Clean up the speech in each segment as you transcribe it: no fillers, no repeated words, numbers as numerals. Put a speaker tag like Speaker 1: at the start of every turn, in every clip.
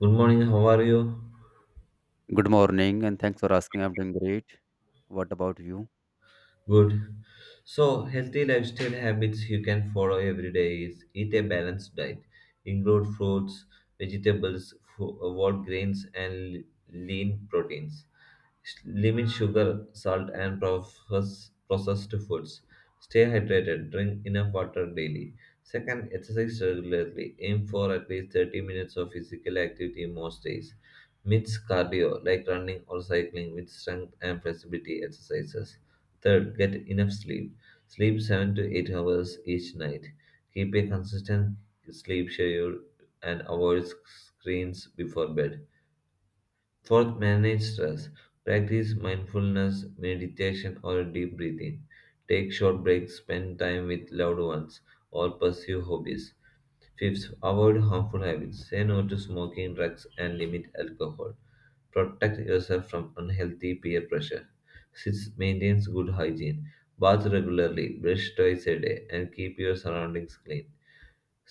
Speaker 1: Good morning, how are you?
Speaker 2: Good morning, and thanks for asking. I'm doing great. What about you?
Speaker 1: Good. So, healthy lifestyle habits you can follow every day is eat a balanced diet, include fruits, vegetables, whole grains, and lean proteins. Limit sugar, salt, and processed foods. Stay hydrated. Drink enough water daily. Second, exercise regularly. Aim for at least 30 minutes of physical activity most days. Mix cardio, like running or cycling, with strength and flexibility exercises. Third, get enough sleep. Sleep 7 to 8 hours each night. Keep a consistent sleep schedule and avoid screens before bed. Fourth, manage stress. Practice mindfulness, meditation, or deep breathing. Take short breaks, spend time with loved ones, or pursue hobbies. Fifth, avoid harmful habits. Say no to smoking, drugs, and limit alcohol. Protect yourself from unhealthy peer pressure. Sixth, maintain good hygiene. Bath regularly, brush twice a day, and keep your surroundings clean.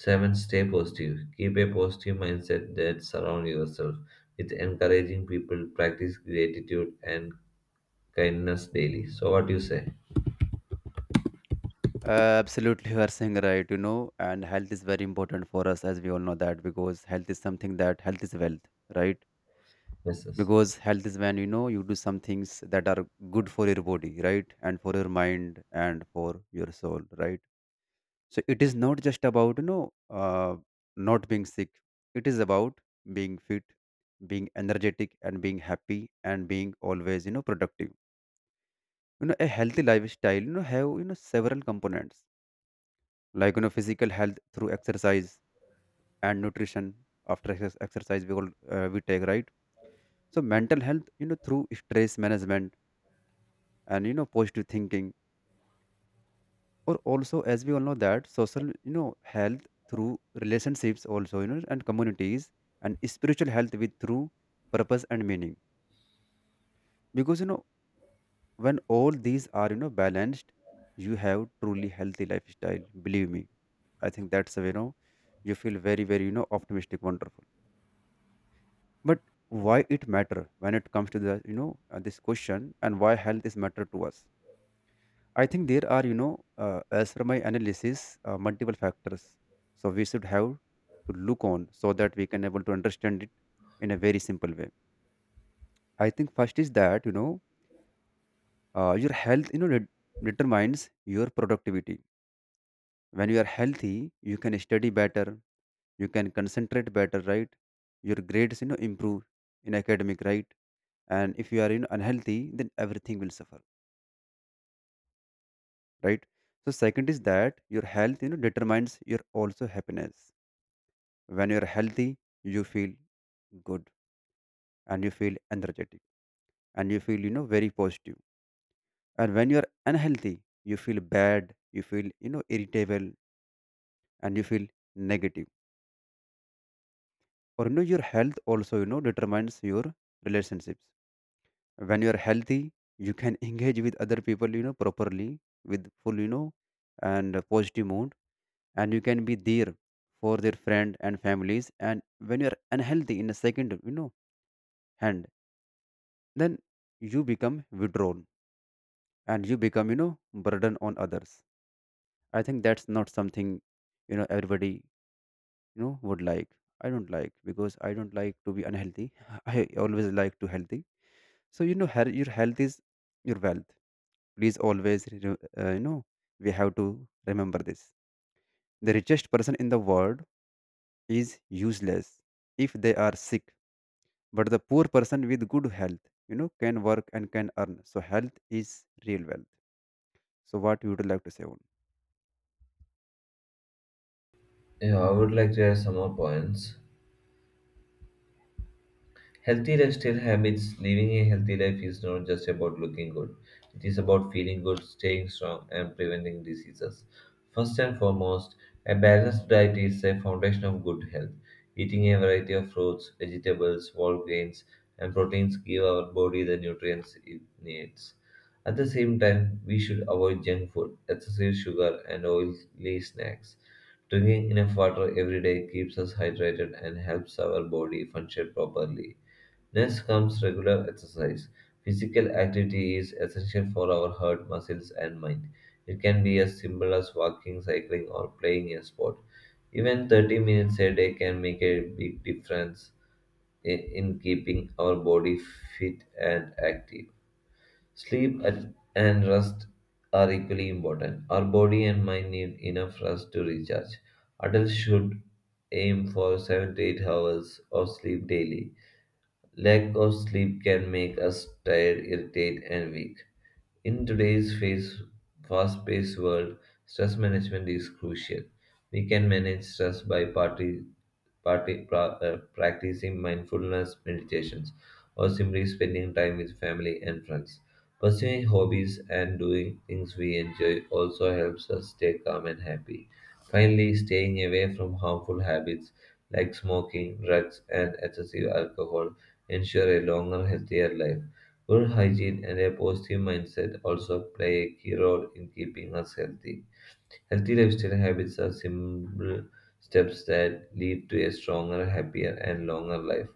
Speaker 1: Seven, stay positive. Keep a positive mindset that surround yourself with encouraging people. Practice gratitude and kindness daily. So, what do you say,
Speaker 2: Absolutely, you are saying right. You know, and health is very important for us, as we all know that, because health is something that health is wealth, right?
Speaker 1: Mrs.?
Speaker 2: Because health is when you know you do some things that are good for your body, right, and for your mind and for your soul, right? So it is not just about you know not being sick. It is about being fit, being energetic, and being happy, and being always you know productive. You know, a healthy lifestyle, you know, have, you know, several components like, you know, physical health through exercise and nutrition exercise we all, we take, right? So mental health, you know, through stress management and, you know, positive thinking, or also as we all know that social, you know, health through relationships also, you know, and communities and spiritual health with through purpose and meaning, because, you know, when all these are you know balanced, you have truly healthy lifestyle, believe me. I think that's you know, you feel very you know optimistic, wonderful. But why it matter when it comes to the you know this question, and why health is matter to us, I think there are you know, as per my analysis, multiple factors. So we should have to look on, so that we can able to understand it in a very simple way. I think first is that you know, your health you know determines your productivity. When you are healthy, you can study better, you can concentrate better, right? Your grades you know improve in academic, right? And if you are you know unhealthy, then everything will suffer, right? So second is that your health you know determines your also happiness. When you are healthy, you feel good, and you feel energetic, and you feel you know very positive. And when you are unhealthy, you feel bad, you feel you know irritable, and you feel negative. Or you know your health also you know determines your relationships. When you are healthy, you can engage with other people you know properly, with full you know and positive mood, and you can be there for their friend and families. And when you are unhealthy, in a second you know hand, then you become withdrawn, and you become you know burden on others. I think that's not something you know everybody you know would like. I don't like, because I don't like to be unhealthy. I always like to healthy. So you know, your health is your wealth. Please always, you know, we have to remember this. The richest person in the world is useless if they are sick, but the poor person with good health, you know, can work and can earn. So health is real wealth. So what you would like to say on?
Speaker 1: Yeah, I would like to add some more points. Healthy lifestyle habits. Living a healthy life is not just about looking good, it is about feeling good, staying strong, and preventing diseases. First and foremost, a balanced diet is a foundation of good health. Eating a variety of fruits, vegetables, whole grains, and proteins give our body the nutrients it needs. At the same time, we should avoid junk food, excessive sugar, and oily snacks. Drinking enough water every day keeps us hydrated and helps our body function properly. Next comes regular exercise. Physical activity is essential for our heart, muscles, and mind. It can be as simple as walking, cycling, or playing a sport. Even 30 minutes a day can make a big difference in keeping our body fit and active. Sleep and rest are equally important. Our body and mind need enough rest to recharge. Adults should aim for 7 to 8 hours of sleep daily. Lack of sleep can make us tired, irritable, and weak. In today's face, fast-paced world, stress management is crucial. We can manage stress by practicing mindfulness meditations or simply spending time with family and friends. Pursuing hobbies and doing things we enjoy also helps us stay calm and happy. Finally, staying away from harmful habits like smoking, drugs, and excessive alcohol ensure a longer, healthier life. Good hygiene and a positive mindset also play a key role in keeping us healthy. Healthy lifestyle habits are simple steps that lead to a stronger, happier, and longer life.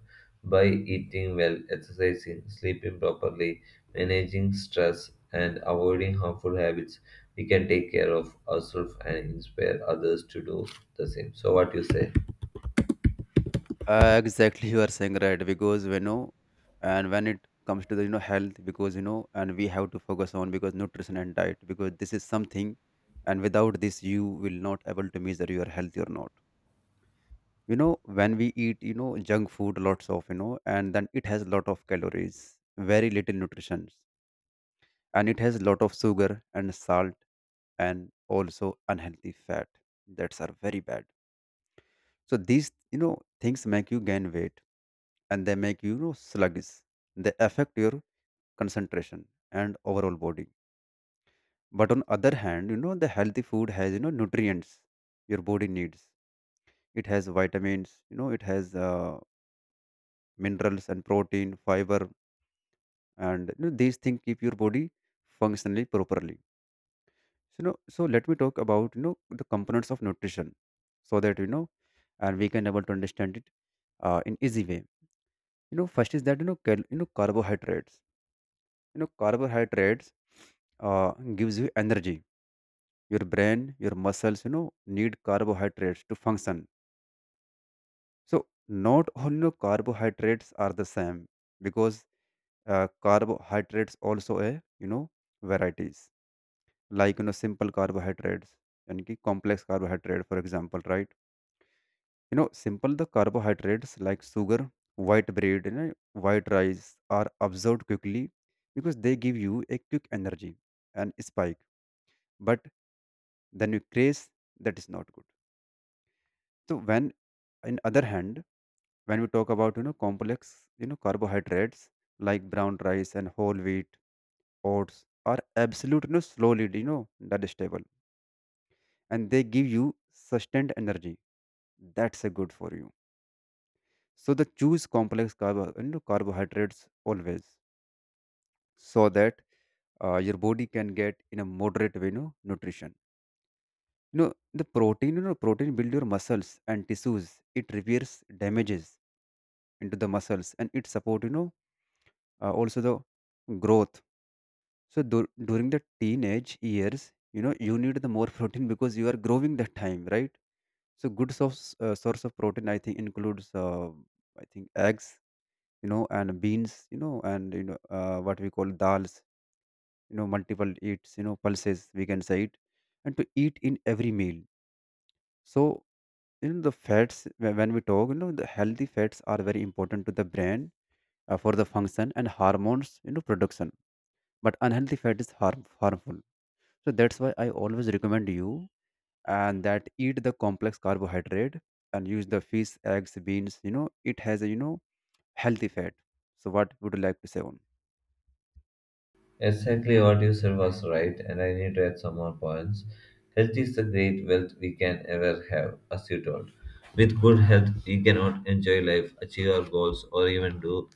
Speaker 1: By eating well, exercising, sleeping properly, managing stress, and avoiding harmful habits, we can take care of ourselves and inspire others to do the same. So, what you say?
Speaker 2: Exactly, you are saying right, because you know, and when it comes to the you know health, because you know, and we have to focus on because nutrition and diet, because this is something, and without this you will not able to measure your health or not. You know, when we eat you know junk food, lots of you know, and then it has lot of calories, very little nutrition, and it has lot of sugar and salt, and also unhealthy fat, that's are very bad. So these you know things make you gain weight, and they make you, you know, sluggish. They affect your concentration and overall body. But on other hand, you know the healthy food has you know nutrients your body needs. It has vitamins, you know, it has minerals and protein, fiber, and you know, these things keep your body functionally properly. So, you know, so let me talk about you know the components of nutrition, so that you know, and we can able to understand it in easy way. You know, first is that you know you know carbohydrates. You know, carbohydrates uh, gives you energy. Your brain, your muscles, you know, need carbohydrates to function. So not all you know carbohydrates are the same, because carbohydrates also a you know varieties, like you know simple carbohydrates and ki complex carbohydrate, for example, right? You know, simple the carbohydrates like sugar, white bread and you know white rice are absorbed quickly, because they give you a quick energy and spike. But then you craze, that is not good. So when in other hand, when we talk about you know complex you know carbohydrates like brown rice and whole wheat, oats are absolute, you know, slowly, you know, digestible, and they give you sustained energy. That's a good for you. So the choose complex carbo, you know, carbohydrates always, so that your body can get in a moderate way, you know, nutrition. You know, the protein, you know, protein build your muscles and tissues. It repairs damages into the muscles, and it support, you know, also the growth. So during the teenage years, you know, you need the more protein because you are growing that time, right? So good source of protein, I think, includes I think eggs, you know, and beans, you know, and you know what we call dals, you know, multiple eats, you know, pulses. We can say it, and to eat in every meal. So you know the fats when we talk, you know, the healthy fats are very important to the brain, for the function and hormones, you know, production. But unhealthy fat is harmful. So that's why I always recommend you, and that eat the complex carbohydrate and use the fish, eggs, beans. You know, it has a you know healthy fat. So what would you like to say on?
Speaker 1: Exactly what you said was right, and I need to add some more points. Health is the great wealth we can ever have, as you told. With good health, we cannot enjoy life, achieve our goals, or even do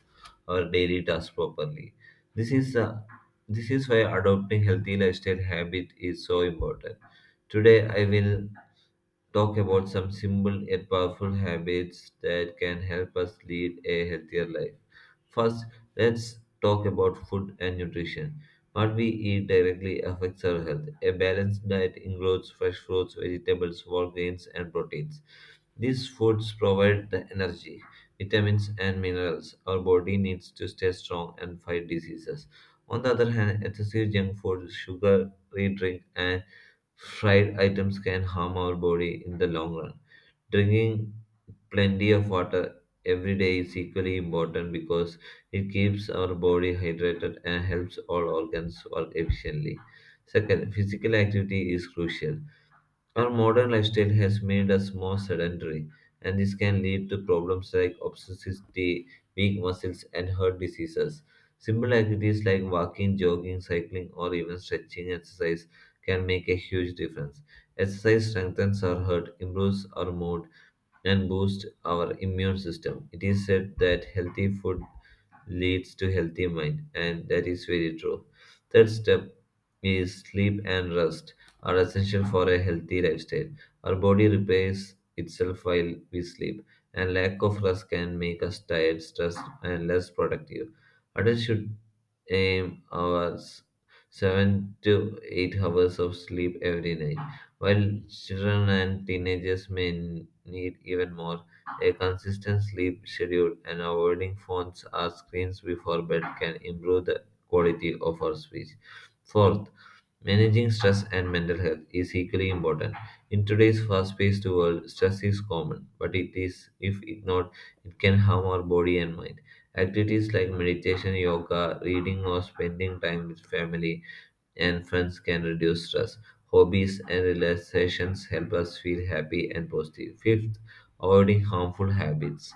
Speaker 1: our daily tasks properly. This is uh, this is why adopting healthy lifestyle habit is so important. Today, I will talk about some simple yet powerful habits that can help us lead a healthier life. First, let's talk about food and nutrition. What we eat directly affects our health. A balanced diet includes fresh fruits, vegetables, whole grains, and proteins. These foods provide the energy, vitamins, and minerals our body needs to stay strong and fight diseases. On the other hand, excessive junk food, sugary drink, and fried items can harm our body in the long run. Drinking plenty of water every day is equally important because it keeps our body hydrated and helps all organs work efficiently. Second, physical activity is crucial. Our modern lifestyle has made us more sedentary, and this can lead to problems like obesity, weak muscles, and heart diseases. Simple activities like walking, jogging, cycling, or even stretching exercise can make a huge difference. Exercise strengthens our heart, improves our mood, and boosts our immune system. It is said that healthy food leads to healthy mind, and that is very true. Third step is sleep and rest are essential for a healthy lifestyle. Our body repairs itself while we sleep, and lack of rest can make us tired, stressed, and less productive. Adults should aim hours 7 to 8 hours of sleep every night, while children and teenagers may need even more. A consistent sleep schedule and avoiding phones or screens before bed can improve the quality of our speech. Fourth, managing stress and mental health is equally important. In today's fast-paced world, stress is common, but it is, if ignored, it can harm our body and mind. Activities like meditation, yoga, reading, or spending time with family and friends can reduce stress. Hobbies and relaxations help us feel happy and positive. Fifth, avoiding harmful habits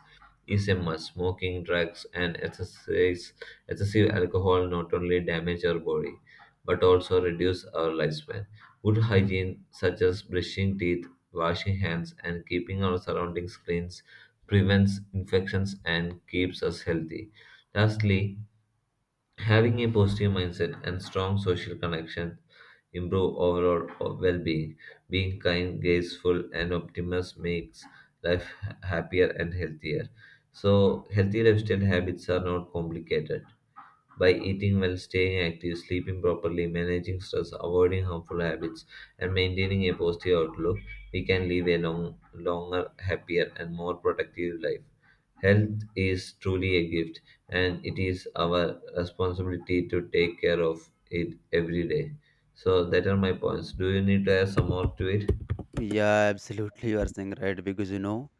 Speaker 1: is a must. Smoking, drugs, and exercise, excessive alcohol not only damage our body but also reduce our lifespan. Good hygiene, such as brushing teeth, washing hands, and keeping our surroundings clean, prevents infections and keeps us healthy. Lastly, having a positive mindset and strong social connection improve overall well-being. Being kind, graceful, and optimistic makes life happier and healthier. So, healthy lifestyle habits are not complicated. By eating well, staying active, sleeping properly, managing stress, avoiding harmful habits, and maintaining a positive outlook, we can live a long, longer, happier, and more productive life. Health is truly a gift, and it is our responsibility to take care of it every day. So, that are my points. Do you need to add some more to it?
Speaker 2: Yeah, absolutely. You are saying right, because you know,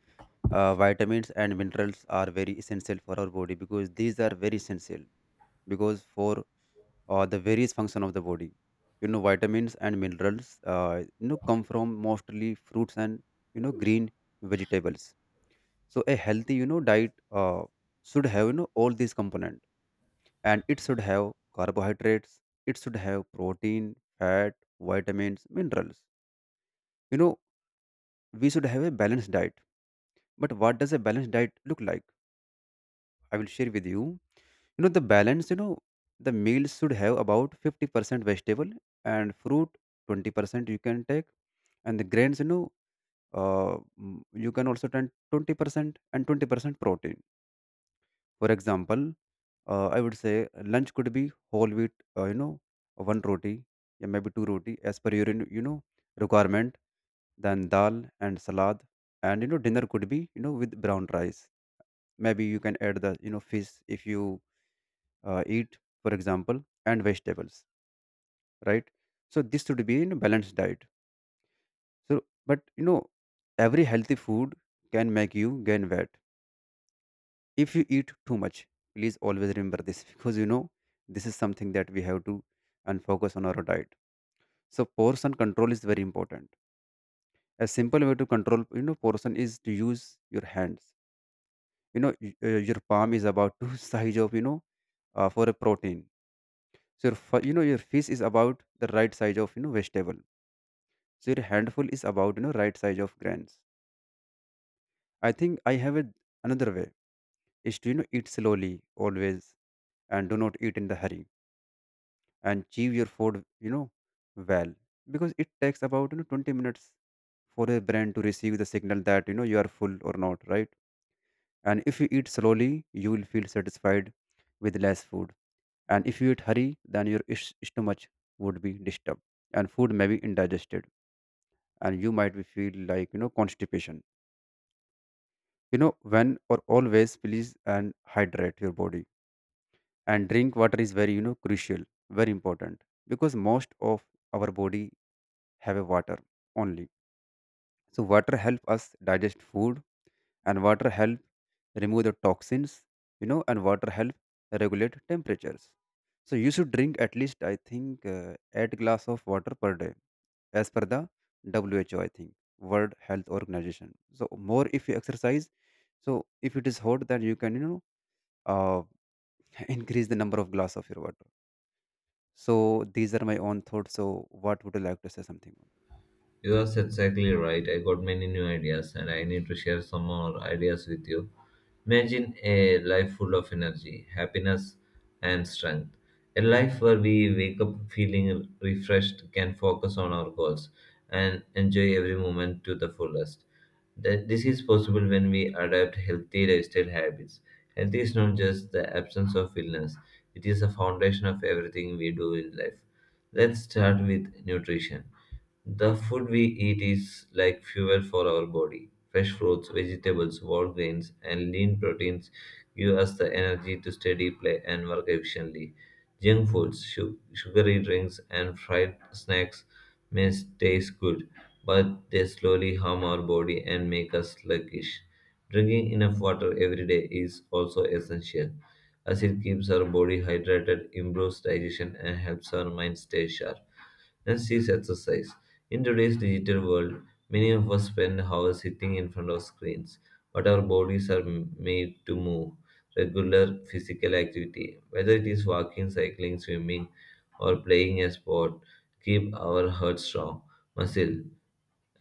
Speaker 2: vitamins and minerals are very essential for our body, because these are very essential because for the various function of the body. You know, vitamins and minerals, you know, come from mostly fruits and you know green vegetables. So a healthy you know diet should have you know all these components, and it should have carbohydrates, it should have protein, fat, vitamins, minerals, you know, we should have a balanced diet. But what does a balanced diet look like? I will share with you. You know the balance you know the meals should have about 50% vegetable and fruit, 20% you can take and the grains, you know, you can also take 20% and 20% protein. For example, I would say lunch could be whole wheat, you know, one roti, yeah, maybe two roti as per your, you know, requirement. Then dal and salad, and you know, dinner could be, you know, with brown rice. Maybe you can add the, you know, fish if you eat, for example, and vegetables, right? So this should be a you know balanced diet. So, but you know, every healthy food can make you gain weight if you eat too much. Please always remember this, because you know this is something that we have to and focus on our diet. So portion control is very important. A simple way to control you know portion is to use your hands. You know, your palm is about two size of you know for a protein. So your, you know your fish is about the right size of you know vegetable. So your handful is about you know right size of grains. I think I have a, another way is to you know eat slowly, always, and do not eat in the hurry, and chew your food you know well, because it takes about you know 20 minutes for your brain to receive the signal that you know you are full or not, right? And if you eat slowly, you will feel satisfied with less food. And if you eat hurry, then your stomach would be disturbed, and food may be indigested, and you might be feel like you know constipation. You know, when or always please, and hydrate your body, and drink water is very you know crucial, very important, because most of our body have a water only. So water help us digest food, and water help remove the toxins, you know, and water help regulate temperatures. So you should drink at least I think 8 glass of water per day as per the WHO, I think, World Health Organization. So more if you exercise, so if it is hot then you can you know uh, increase the number of glass of your water. So these are my own thoughts. So what would you like to say something?
Speaker 1: You are exactly right. I got many new ideas, and I need to share some more ideas with you. Imagine a life full of energy, happiness, and strength. A life where we wake up feeling refreshed, can focus on our goals, and enjoy every moment to the fullest. That This is possible when we adapt healthy lifestyle habits. Health is not just the absence of illness, it is the foundation of everything we do in life. Let's start with nutrition. The food we eat is like fuel for our body. Fresh fruits, vegetables, whole grains, and lean proteins give us the energy to study, play, and work efficiently. Junk foods, sugary drinks, and fried snacks may taste good, but they slowly harm our body and make us sluggish. Drinking enough water every day is also essential, as it keeps our body hydrated, improves digestion, and helps our mind stay sharp. Next is exercise. In today's digital world, many of us spend hours sitting in front of screens, but our bodies are made to move. Regular physical activity, whether it is walking, cycling, swimming, or playing a sport, keep our heart strong, muscle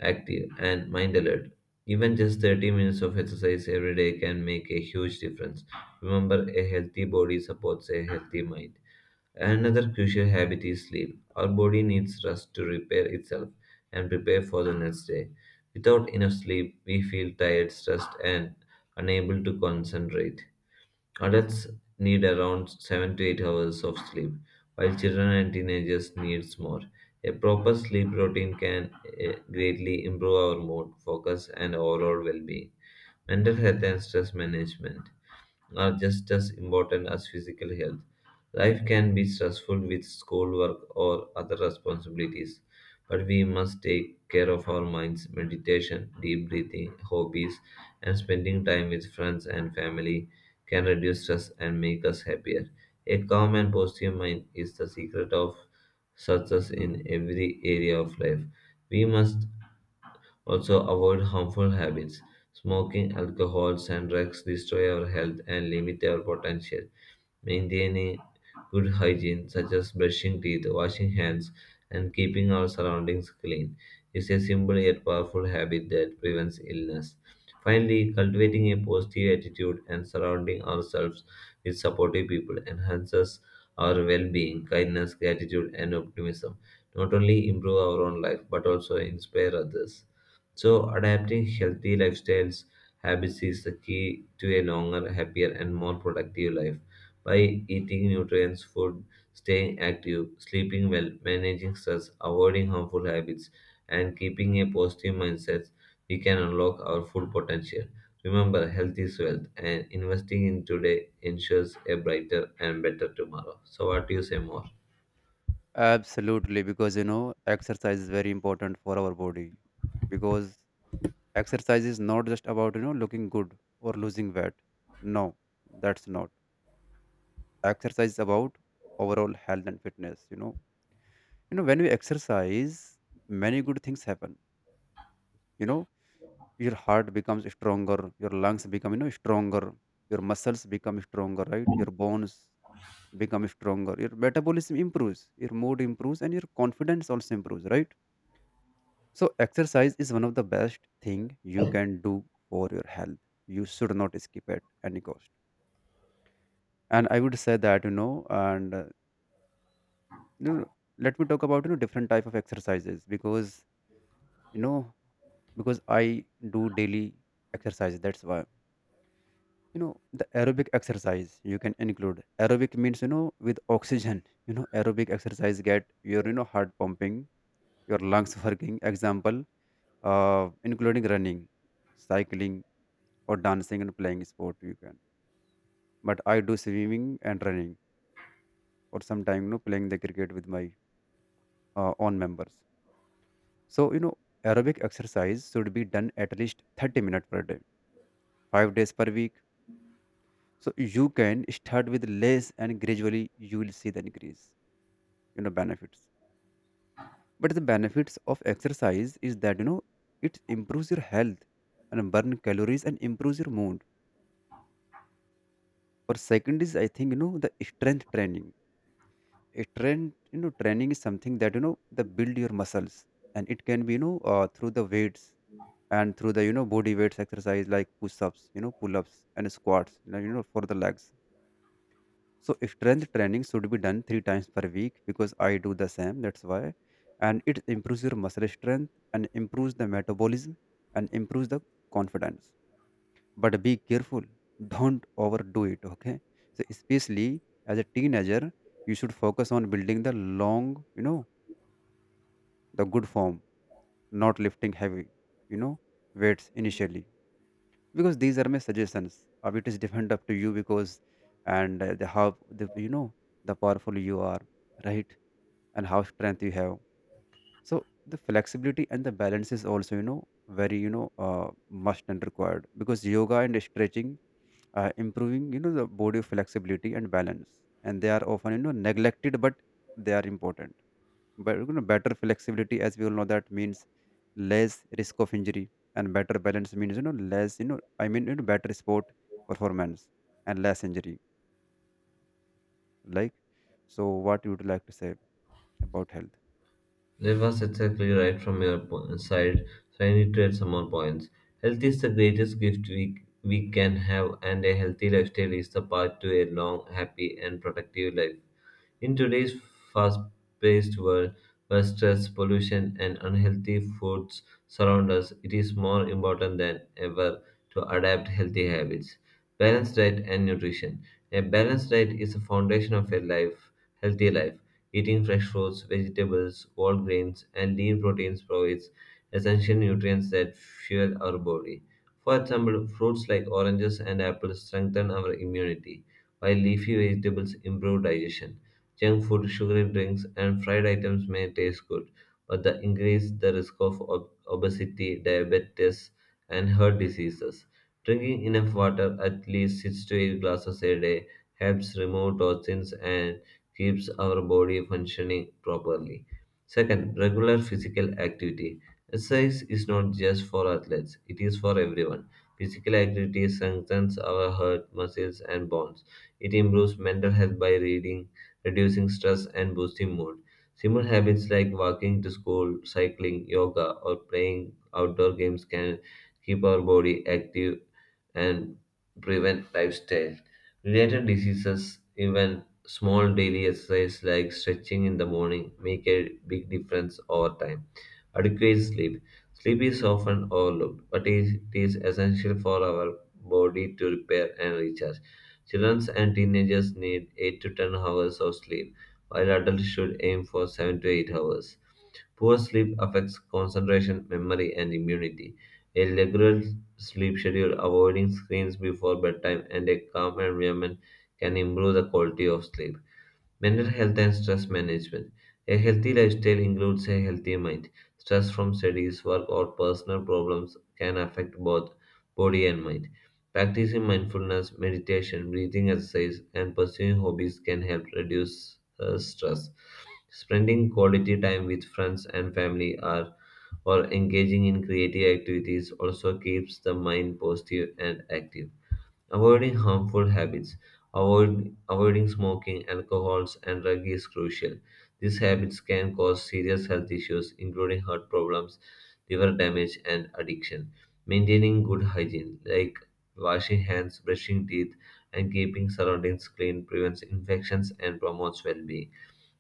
Speaker 1: active, and mind alert. Even just 30 minutes of exercise every day can make a huge difference. Remember, a healthy body supports a healthy mind. Another crucial habit is sleep. Our body needs rest to repair itself and prepare for the next day. Without enough sleep, we feel tired, stressed, and unable to concentrate. Adults need around 7 to 8 hours of sleep, while children and teenagers needs more. A proper sleep routine can greatly improve our mood, focus, and overall well-being. Mental health and stress management are just as important as physical health. Life can be stressful with schoolwork or other responsibilities, but we must take care of our minds. Meditation, deep breathing, hobbies, and spending time with friends and family can reduce stress and make us happier. A calm and positive mind is the secret of success in every area of life. We must also avoid harmful habits. Smoking, alcohol, and drugs destroy our health and limit our potential. Maintaining good hygiene, such as brushing teeth, washing hands, and keeping our surroundings clean, is a simple yet powerful habit that prevents illness. Finally, cultivating a positive attitude and surrounding ourselves with supportive people enhances our well being, kindness, gratitude, and optimism. Not only improve our own life, but also inspire others. So, adapting healthy lifestyles habits is the key to a longer, happier, and more productive life by eating nutrient food, staying active, sleeping well, managing stress, avoiding harmful habits, and keeping a positive mindset, we can unlock our full potential. Remember, health is wealth, and investing in today ensures a brighter and better tomorrow. So, what do you say more?
Speaker 2: Absolutely, because exercise is very important for our body. Because exercise is not just about looking good or losing weight. No, that's not. Exercise is about overall health and fitness. When we exercise, many good things happen. You know, your heart becomes stronger, your lungs become stronger, your muscles become stronger, right? Your bones become stronger, your metabolism improves, your mood improves, and your confidence also improves, right? So exercise is one of the best thing you can do for your health. You should not skip at any cost. And I would say that you know, let me talk about different type of exercises because you know because I do daily exercise. That's why the aerobic exercise you can include. Aerobic means, with oxygen. Aerobic exercise get your heart pumping, your lungs working. Example, including running, cycling, or dancing and playing sport you can, but I do swimming and running, or sometimes playing the cricket with my own members. So aerobic exercise should be done at least 30 minutes per day, 5 days per week. So you can start with less and gradually you will see the increase, benefits. But the benefits of exercise is that it improves your health and burn calories and improves your mood. Or second is, I think, the strength training. A trend, you know Training is something that that build your muscles, and it can be, through the weights and through the, body weights exercise like push-ups, pull-ups and squats, for the legs. So if strength training should be done three times per week, because I do the same, that's why. And it improves your muscle strength and improves the metabolism and improves the confidence. But be careful, don't overdo it, okay? So especially as a teenager, you should focus on building the long, the good form, not lifting heavy, you know, weights initially. Because these are my suggestions. It is different up to you because, and the how the, the powerful you are, right? And how strength you have. So the flexibility and the balance is also, very, must and required, because yoga and stretching, improving, the body flexibility and balance, and they are often neglected, but they are important. But better flexibility, as we all know, that means less risk of injury. And better balance means less, I mean, better sport performance and less injury, like. So what you would like to say about health?
Speaker 1: That was exactly right from your side, so I need to add some more points. Health is the greatest gift we can have, and a healthy lifestyle is the path to a long, happy, and productive life. In today's fast paced world, where stress, pollution, and unhealthy foods surround us, it is more important than ever to adapt healthy habits. Balanced diet and nutrition. A balanced diet is the foundation of a life, healthy life. Eating fresh fruits, vegetables, whole grains, and lean proteins provides essential nutrients that fuel our body. For example, fruits like oranges and apples strengthen our immunity, while leafy vegetables improve digestion. Junk food, sugary drinks, and fried items may taste good, but they increase the risk of obesity, diabetes, and heart diseases. Drinking enough water, at least 6 to 8 glasses a day, helps remove toxins and keeps our body functioning properly. Second, regular physical activity. Exercise is not just for athletes, it is for everyone. Physical activity strengthens our heart, muscles, and bones. It improves mental health by reading, reducing stress and boosting mood. Simple habits like walking to school, cycling, yoga, or playing outdoor games can keep our body active and prevent lifestyle related diseases. Even small daily exercise like stretching in the morning make a big difference over time. Adequate sleep. Sleep is often overlooked, but it is essential for our body to repair and recharge. Children and teenagers need 8 to 10 hours of sleep, while adults should aim for 7 to 8 hours. Poor sleep affects concentration, memory, and immunity. A regular sleep schedule, avoiding screens before bedtime, and a calm environment can improve the quality of sleep. Mental health and stress management. A healthy lifestyle includes a healthy mind. Stress from studies, work, or personal problems can affect both body and mind. Practicing mindfulness, meditation, breathing exercise, and pursuing hobbies can help reduce stress. Spending quality time with friends and family are, or engaging in creative activities also keeps the mind positive and active. Avoiding harmful habits, avoiding smoking, alcohols, and drug is crucial. These habits can cause serious health issues, including heart problems, liver damage, and addiction. Maintaining good hygiene, like washing hands, brushing teeth, and keeping surroundings clean, prevents infections and promotes well being.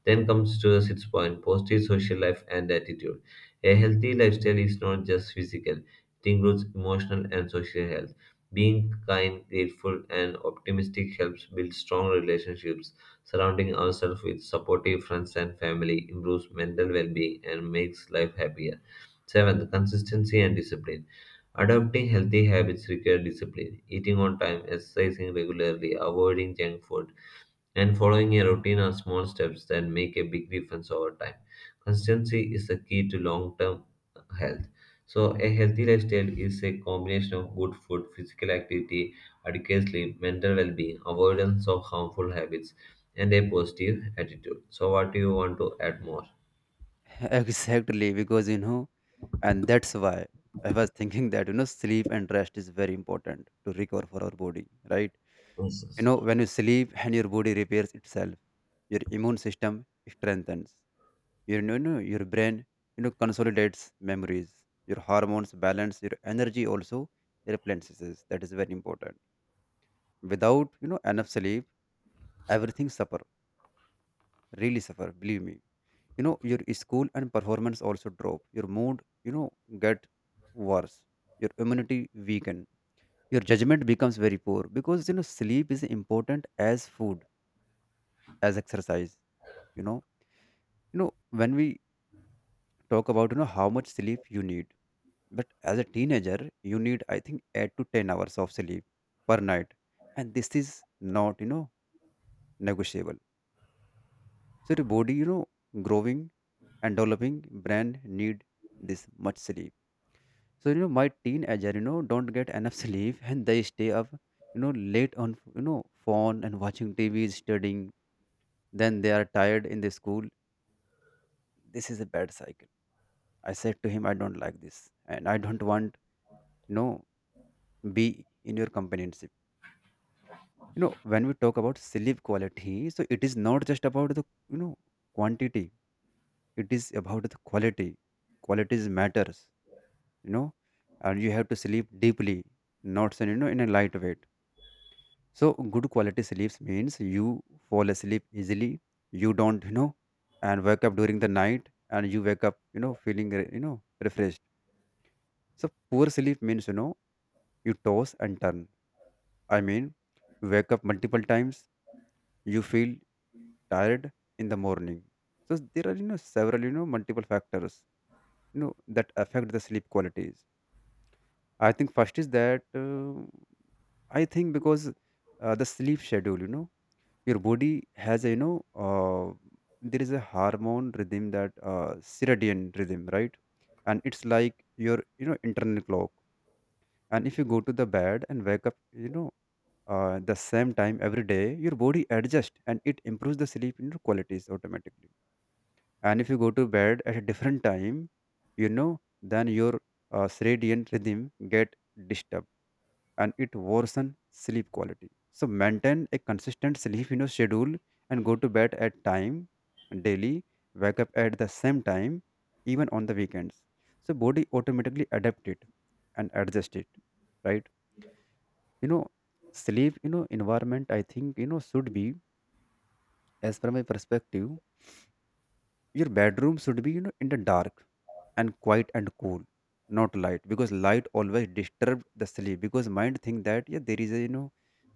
Speaker 1: Then comes to the sixth point positive social life and attitude. A healthy lifestyle is not just physical, it includes emotional and social health. Being kind, grateful, and optimistic helps build strong relationships. Surrounding ourselves with supportive friends and family improves mental well being and makes life happier. Seventh, consistency and discipline. Adopting healthy habits require discipline. Eating on time, exercising regularly, avoiding junk food, and following a routine or small steps that make a big difference over time. Consistency is the key to long term health. So, a healthy lifestyle is a combination of good food, physical activity, adequate sleep, mental well being, avoidance of harmful habits, and a positive attitude. So, what do you want to add more?
Speaker 2: Exactly, because you know, and that's why I was thinking that, sleep and rest is very important to recover for our body, right?
Speaker 1: Yes,
Speaker 2: When you sleep and your body repairs itself, your immune system strengthens. Your brain, consolidates memories. Your hormones balance. Your energy also replenishes. That is very important. Without, enough sleep, everything suffer. Really suffer. Believe me. Your school and performance also drop. Your mood, get worse. Your immunity weaken. Your judgment becomes very poor because sleep is important as food, as exercise. You know, when we talk about how much sleep you need. But as a teenager, you need, I think, 8 to 10 hours of sleep per night. And this is not, negotiable. So your body, growing and developing brain need this much sleep. So, my teenager, don't get enough sleep and they stay up, late on, phone and watching TV, studying. Then they are tired in the school. This is a bad cycle. I said to him, I don't like this and I don't want, you know, be in your company. When we talk about sleep quality, so it is not just about the, you know quantity. It is about the quality. Qualities matters. You know, and you have to sleep deeply, not in a light weight. So good quality sleeps means you fall asleep easily. You don't, you know, and wake up during the night, and you wake up feeling refreshed. So poor sleep means, you toss and turn. I mean, wake up multiple times, you feel tired in the morning. So there are, several, multiple factors, that affect the sleep qualities. I think first is that, I think because the sleep schedule, your body has a, there is a hormone rhythm, that circadian rhythm, right? And it's like your, internal clock. And if you go to the bed and wake up, the same time every day, your body adjusts and it improves the sleep, qualities automatically. And if you go to bed at a different time, then your circadian rhythm get disturbed, and it worsen sleep quality. So maintain a consistent sleep, schedule, and go to bed at time daily, wake up at the same time, even on the weekends. So body automatically adapt it and adjust it, right? you know Sleep environment, I think, should be, as per my perspective, your bedroom should be, in the dark and quiet and cool, not light, because light always disturbs the sleep, because mind think that yeah, there is a, you know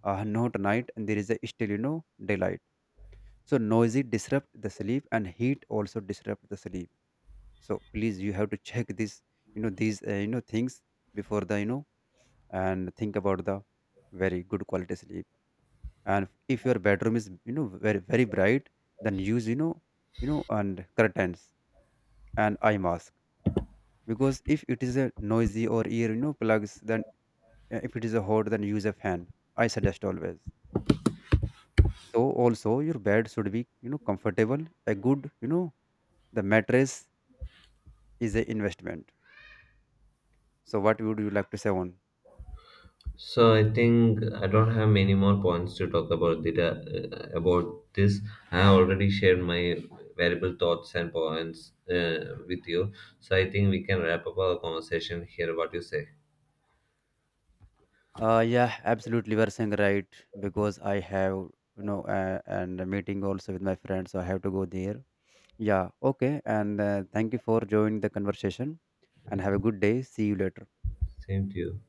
Speaker 2: uh, not night, and there is a still, daylight. So noisy disrupt the sleep and heat also disrupt the sleep. So please, you have to check this you know these you know things before the you know and think about the very good quality sleep. And if your bedroom is, very very bright, then use, you know and curtains and eye mask. Because if it is a noisy, or ear, plugs, then if it is a hot, then use a fan. I suggest always. So also your bed should be, comfortable, a good, the mattress is a investment. So what would you like to say on?
Speaker 1: so I think I don't have many more points to talk about data about this. I have already shared my valuable thoughts and points with you. So I think we can wrap up our conversation here. What you say?
Speaker 2: Yeah, absolutely, you are saying right, because I have, you know and a meeting also with my friends, so I have to go there. Yeah, okay. And thank you for joining the conversation, and have a good day. See you later.
Speaker 1: Same to you.